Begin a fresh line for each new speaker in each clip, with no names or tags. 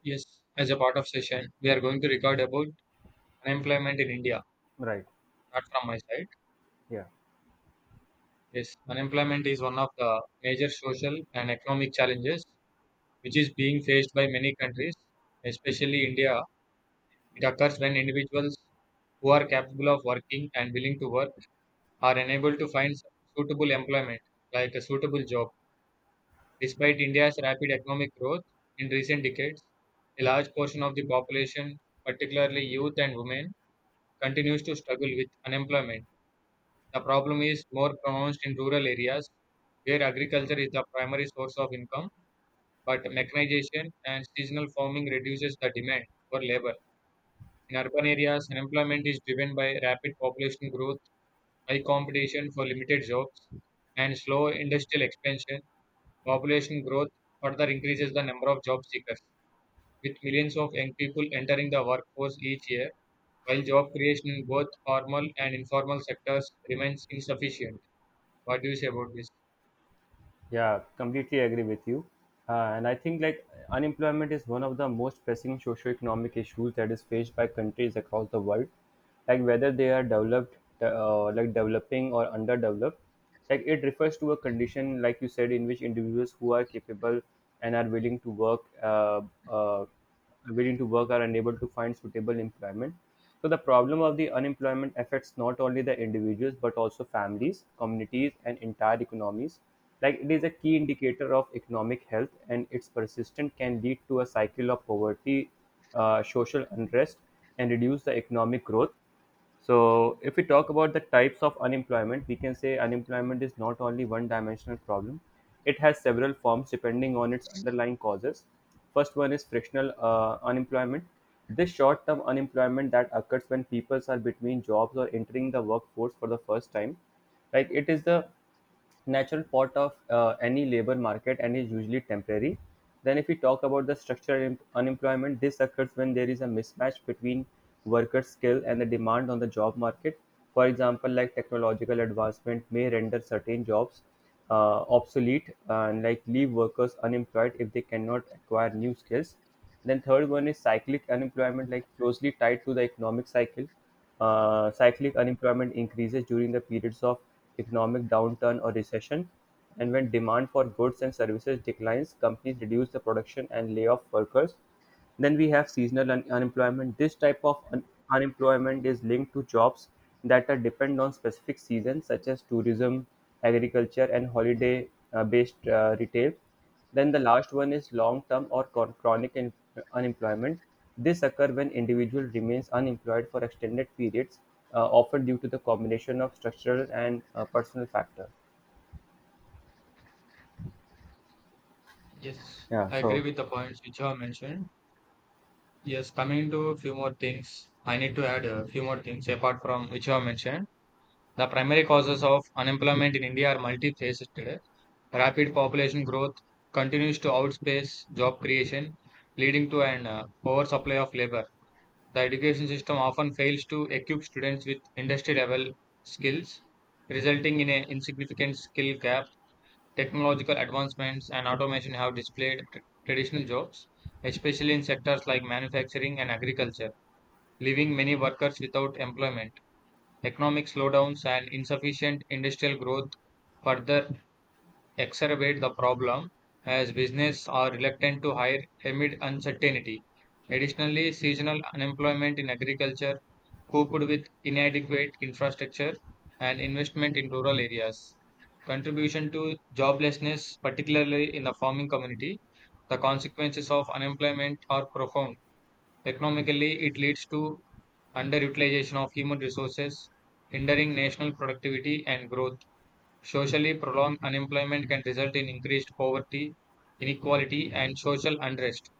Yes, as a part of session, we are going to record about unemployment in India.
Right.
Not from my side.
Yeah.
Yes, unemployment is one of the major social and economic challenges which is being faced by many countries, especially India. It occurs when individuals who are capable of working and willing to work are unable to find suitable employment, like a suitable job. Despite India's rapid economic growth in recent decades, a large portion of the population, particularly youth and women, continues to struggle with unemployment. The problem is more pronounced in rural areas where agriculture is the primary source of income, but mechanization and seasonal farming reduces the demand for labor. In urban areas, unemployment is driven by rapid population growth, high competition for limited jobs, and slow industrial expansion. Population growth further increases the number of job seekers, with millions of young people entering the workforce each year while job creation in both formal and informal sectors remains insufficient. What do you say about this?
Yeah, completely agree with you. And I think like unemployment is one of the most pressing socio-economic issues that is faced by countries across the world. Like whether they are developed, like developing or underdeveloped. Like it refers to a condition, like you said, in which individuals who are capable and are willing to work willing to work are unable to find suitable employment. So the problem of the unemployment affects not only the individuals but also families, communities, and entire economies. Like it is a key indicator of economic health, and its persistence can lead to a cycle of poverty, social unrest, and reduce the economic growth. So, if we talk about the types of unemployment, we can say unemployment is not only one dimensional problem, it has several forms depending on its underlying causes. First one is frictional unemployment. This short term unemployment that occurs when people are between jobs or entering the workforce for the first time. Like it is the natural part of any labor market and is usually temporary. Then, if we talk about the structural unemployment, this occurs when there is a mismatch between workers' skill and the demand on the job market. For example, like technological advancement may render certain jobs obsolete and like leave workers unemployed if they cannot acquire new skills. Then third one is cyclic unemployment, like closely tied to the economic cycle. Cyclic unemployment increases during the periods of economic downturn or recession, and when demand for goods and services declines, companies reduce the production and lay off workers. Then we have seasonal unemployment. This type of unemployment is linked to jobs that are depend on specific seasons, such as tourism, agriculture, and retail. Then the last one is long-term or chronic unemployment. This occurs when individual remains unemployed for extended periods, often due to the combination of structural and personal factor.
Yes,
Yeah,
I agree
so
with the points which you have mentioned. Yes, coming to a few more things, I need to add a few more things apart from which you have mentioned. The primary causes of unemployment in India are multifaceted today. Rapid population growth continues to outpace job creation, leading to an oversupply of labor. The education system often fails to equip students with industry level skills, resulting in an insignificant skill gap. Technological advancements and automation have displaced traditional jobs, especially in sectors like manufacturing and agriculture, leaving many workers without employment. Economic slowdowns and insufficient industrial growth further exacerbate the problem as businesses are reluctant to hire amid uncertainty. Additionally, seasonal unemployment in agriculture, coupled with inadequate infrastructure and investment in rural areas, contribution to joblessness, particularly in the farming community. The consequences of unemployment are profound. Economically, it leads to underutilization of human resources, hindering national productivity and growth. Socially prolonged unemployment can result in increased poverty, inequality, and social unrest.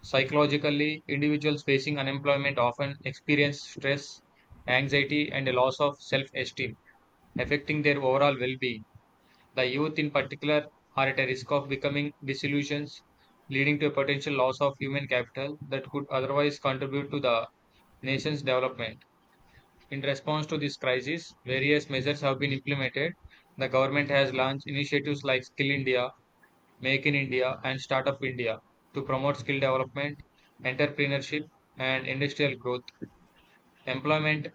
Psychologically, individuals facing unemployment often experience stress, anxiety, and a loss of self esteem, affecting their overall well being. The youth, in particular, are at a risk of becoming disillusioned, leading to a potential loss of human capital that could otherwise contribute to the nation's development. In response to this crisis, various measures have been implemented. The government has launched initiatives like Skill India, Make in India, and Startup India to promote skill development, entrepreneurship, and industrial growth. Employment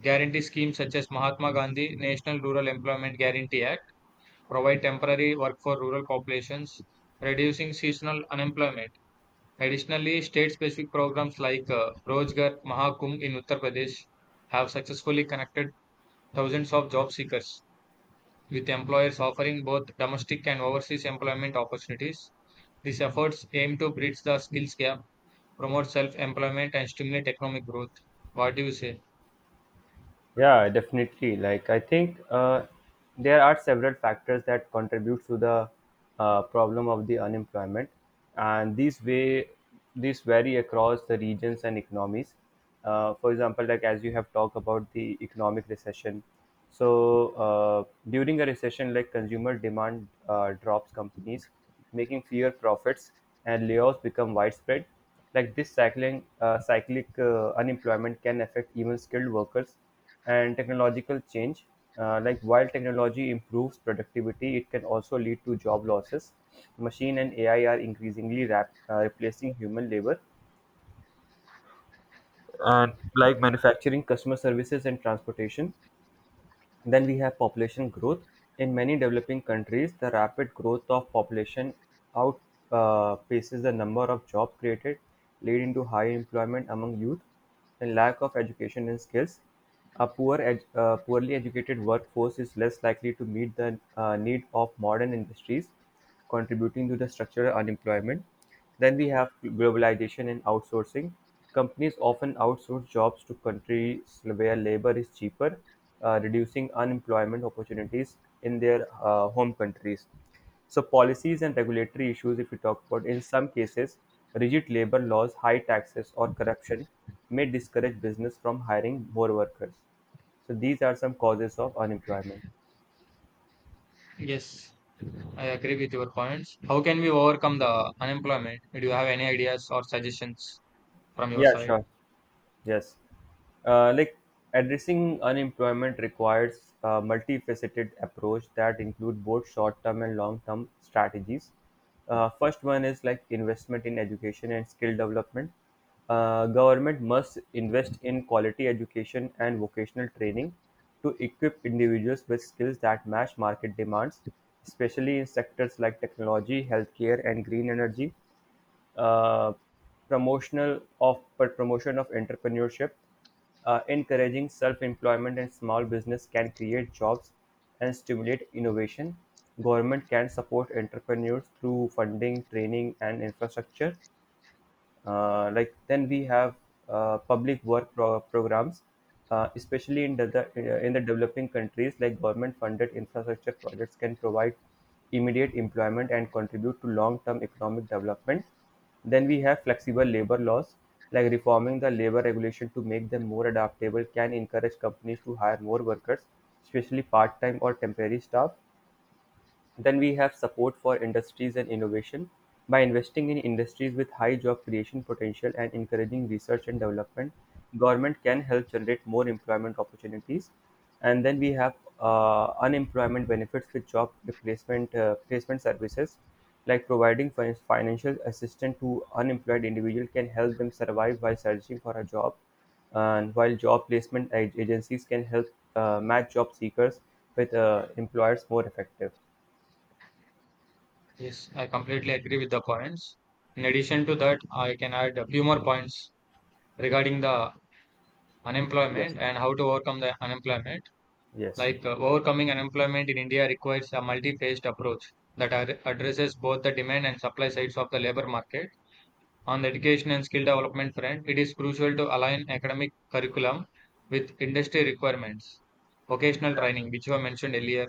guarantee schemes such as Mahatma Gandhi National Rural Employment Guarantee Act provide temporary work for rural populations, reducing seasonal unemployment. Additionally, state specific programs like Rozgar Mahakumbh in Uttar Pradesh have successfully connected thousands of job seekers, with employers offering both domestic and overseas employment opportunities. These efforts aim to bridge the skills gap, promote self employment, and stimulate economic growth. What do you say?
yeah, definitely. Like I think there are several factors that contribute to the problem of the unemployment, and these vary across the regions and economies. For example, like as you have talked about the economic recession, so during a recession, like consumer demand drops, companies making fewer profits, and layoffs become widespread. Like this cycling cyclic unemployment can affect even skilled workers and technological change. Like while technology improves productivity, it can also lead to job losses. Machine and AI are increasingly replacing human labor, and like manufacturing, customer services, and transportation. Then we have population growth. In many developing countries, the rapid growth of population outpaces the number of jobs created, leading to high employment among youth and lack of education and skills. A poorly educated workforce is less likely to meet the need of modern industries contributing to the structural unemployment. Then we have globalization and outsourcing. Companies often outsource jobs to countries where labor is cheaper, reducing unemployment opportunities in their home countries. So, policies and regulatory issues, if we talk about, in some cases, rigid labor laws, high taxes, or corruption may discourage business from hiring more workers. So, these are some causes of unemployment.
Yes, I agree with your points. How can we overcome the unemployment? Do you have any ideas or suggestions from your
Yeah,
side?
sure. Yes. Like addressing unemployment requires a multifaceted approach that include both short-term and long-term strategies. First one is like investment in education and skill development. Government must invest in quality education and vocational training to equip individuals with skills that match market demands, especially in sectors like technology, healthcare, and green energy uh, promotional of promotion of entrepreneurship, encouraging self-employment and small business can create jobs and stimulate innovation. Government can support entrepreneurs through funding, training, and infrastructure. Like then we have public work programs, especially in the developing countries. Like government-funded infrastructure projects can provide immediate employment and contribute to long-term economic development. Then we have flexible labor laws, like reforming the labor regulation to make them more adaptable can encourage companies to hire more workers, especially part time or temporary staff. Then we have support for industries and innovation by investing in industries with high job creation potential and encouraging research and development. Government can help generate more employment opportunities. And then we have unemployment benefits with job replacement placement services, like providing financial assistance to unemployed individuals can help them survive while searching for a job and while job placement agencies can help match job seekers with employers more effective.
Yes, I completely agree with the points. In addition to that, I can add a few more points regarding the
Yes.
unemployment and how to overcome the unemployment.
Yes,
Like overcoming unemployment in India requires a multi-phased approach that addresses both the demand and supply sides of the labor market. On the education and skill development front, it is crucial to align academic curriculum with industry requirements. Vocational training, which were mentioned earlier,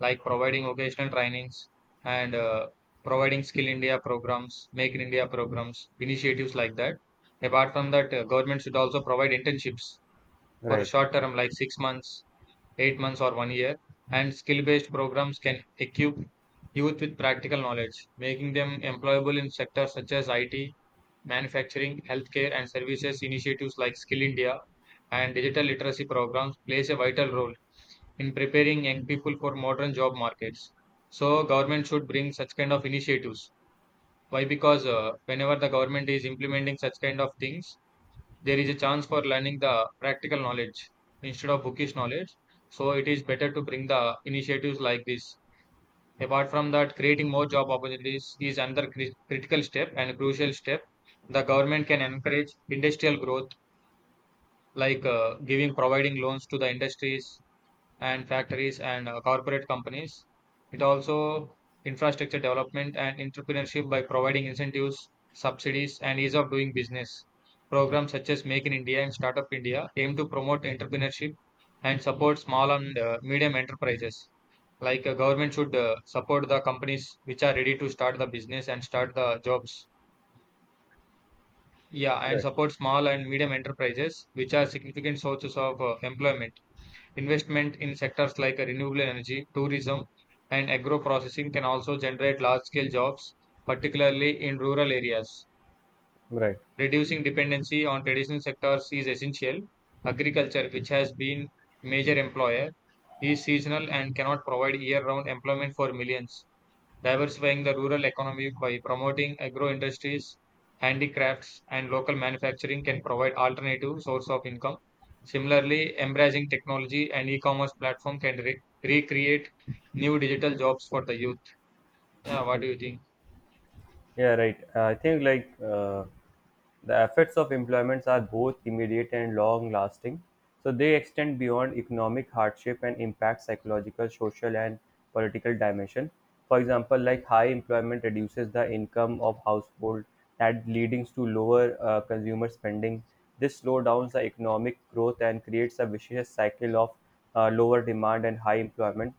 like providing vocational trainings and providing Skill India programs, Make in India programs, initiatives like that. Apart from that, government should also provide internships for a
right,
short term, like 6 months 8 months or one year, and skill based programs can equip youth with practical knowledge, making them employable in sectors such as IT, manufacturing, healthcare, and services. Initiatives like Skill India and digital literacy programs plays a vital role in preparing young people for modern job markets. So government should bring such kind of initiatives. Why? Because whenever the government is implementing such kind of things, there is a chance for learning the practical knowledge instead of bookish knowledge. So it is better to bring the initiatives like this. Apart from that, creating more job opportunities is another critical step and crucial step. The government can encourage industrial growth, like giving providing loans to the industries and factories and corporate companies. It also infrastructure development and entrepreneurship by providing incentives, subsidies, and ease of doing business.
right,
Programs such as Make in India and Startup India aim to promote entrepreneurship and support small and medium enterprises. Like government should support the companies which are ready to start the business and start the jobs. Yeah, and
correct,
support small and medium enterprises, which are significant sources of employment. Investment in sectors like renewable energy, tourism, and agro-processing can also generate large-scale jobs, particularly in rural areas.
right.
Reducing dependency on traditional sectors is essential. Agriculture, which has been major employer, is seasonal and cannot provide year-round employment for millions diversifying the rural economy by promoting agro industries, handicrafts, and local manufacturing can provide alternative source of income. Similarly, embracing technology and e-commerce platform can recreate new digital jobs for the youth. Yeah, what do you think?
Yeah, right. I think like the effects of employments are both immediate and long lasting. So they extend beyond economic hardship and impact psychological, social, and political dimension. For example, like high employment reduces the income of household that leading to lower consumer spending. This slowdowns the economic growth and creates a vicious cycle of lower demand and high employment.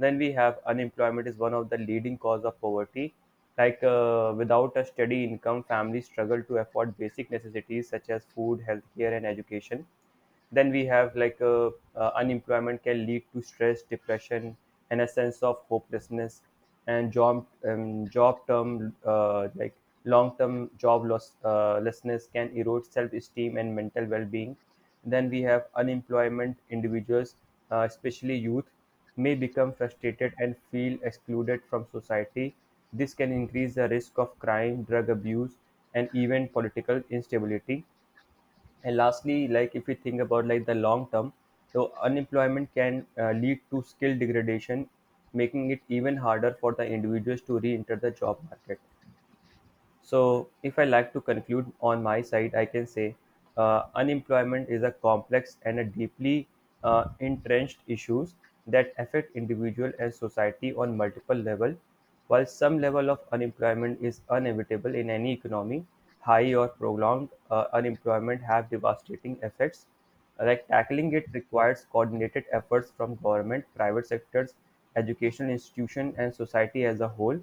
Then we have unemployment is one of the leading cause of poverty. Like without a steady income, families struggle to afford basic necessities such as food, healthcare, and education. Then we have like a unemployment can lead to stress depression and a sense of hopelessness, and job job term like long term job loss lessness can erode self esteem and mental well being. Then we have unemployment individuals, especially youth, may become frustrated and feel excluded from society. This can increase the risk of crime, drug abuse, and even political instability. And lastly, like if we think about like the long term, so unemployment can lead to skill degradation, making it even harder for the individuals to re-enter the job market. So, if I like to conclude on my side, I can say unemployment is a complex and a deeply entrenched issues that affect individual and society on multiple level. While some level of unemployment is inevitable in any economy, high or prolonged unemployment have devastating effects. Like tackling it requires coordinated efforts from government, private sectors, educational institution, and society as a whole.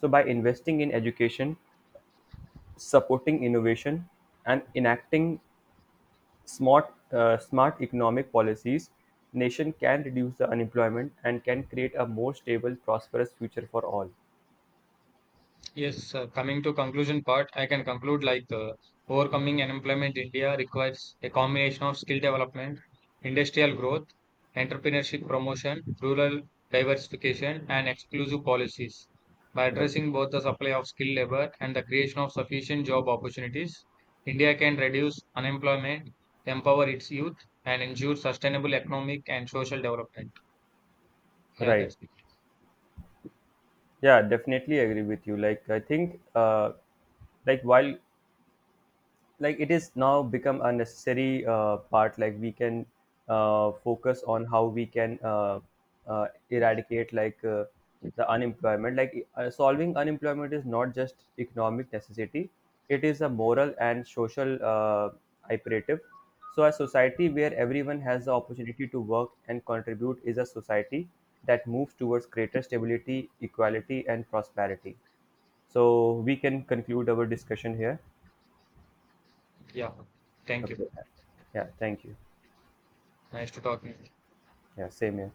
So, by investing in education, supporting innovation, and enacting smart economic policies, nation can reduce the unemployment and can create a more stable, prosperous future for all.
Yes, coming to conclusion part, I can conclude like overcoming unemployment in India requires a combination of skill development, industrial growth, entrepreneurship promotion, rural diversification, and exclusive policies. By
Right.
addressing both the supply of skilled labor and the creation of sufficient job opportunities, India can reduce unemployment, empower its youth, and ensure sustainable economic and social development. Yeah,
Right.
that's it.
Yeah, definitely agree with you. Like I think, like while like it is now become a necessary part like we can focus on how we can eradicate like the unemployment, like solving unemployment is not just economic necessity, it is a moral and social imperative. So a society where everyone has the opportunity to work and contribute is a society that moves towards greater stability, equality, and prosperity. So we can conclude our discussion here.
Yeah, thank you.
Okay. Yeah, thank you.
Nice to talk to you.
Yeah, same here.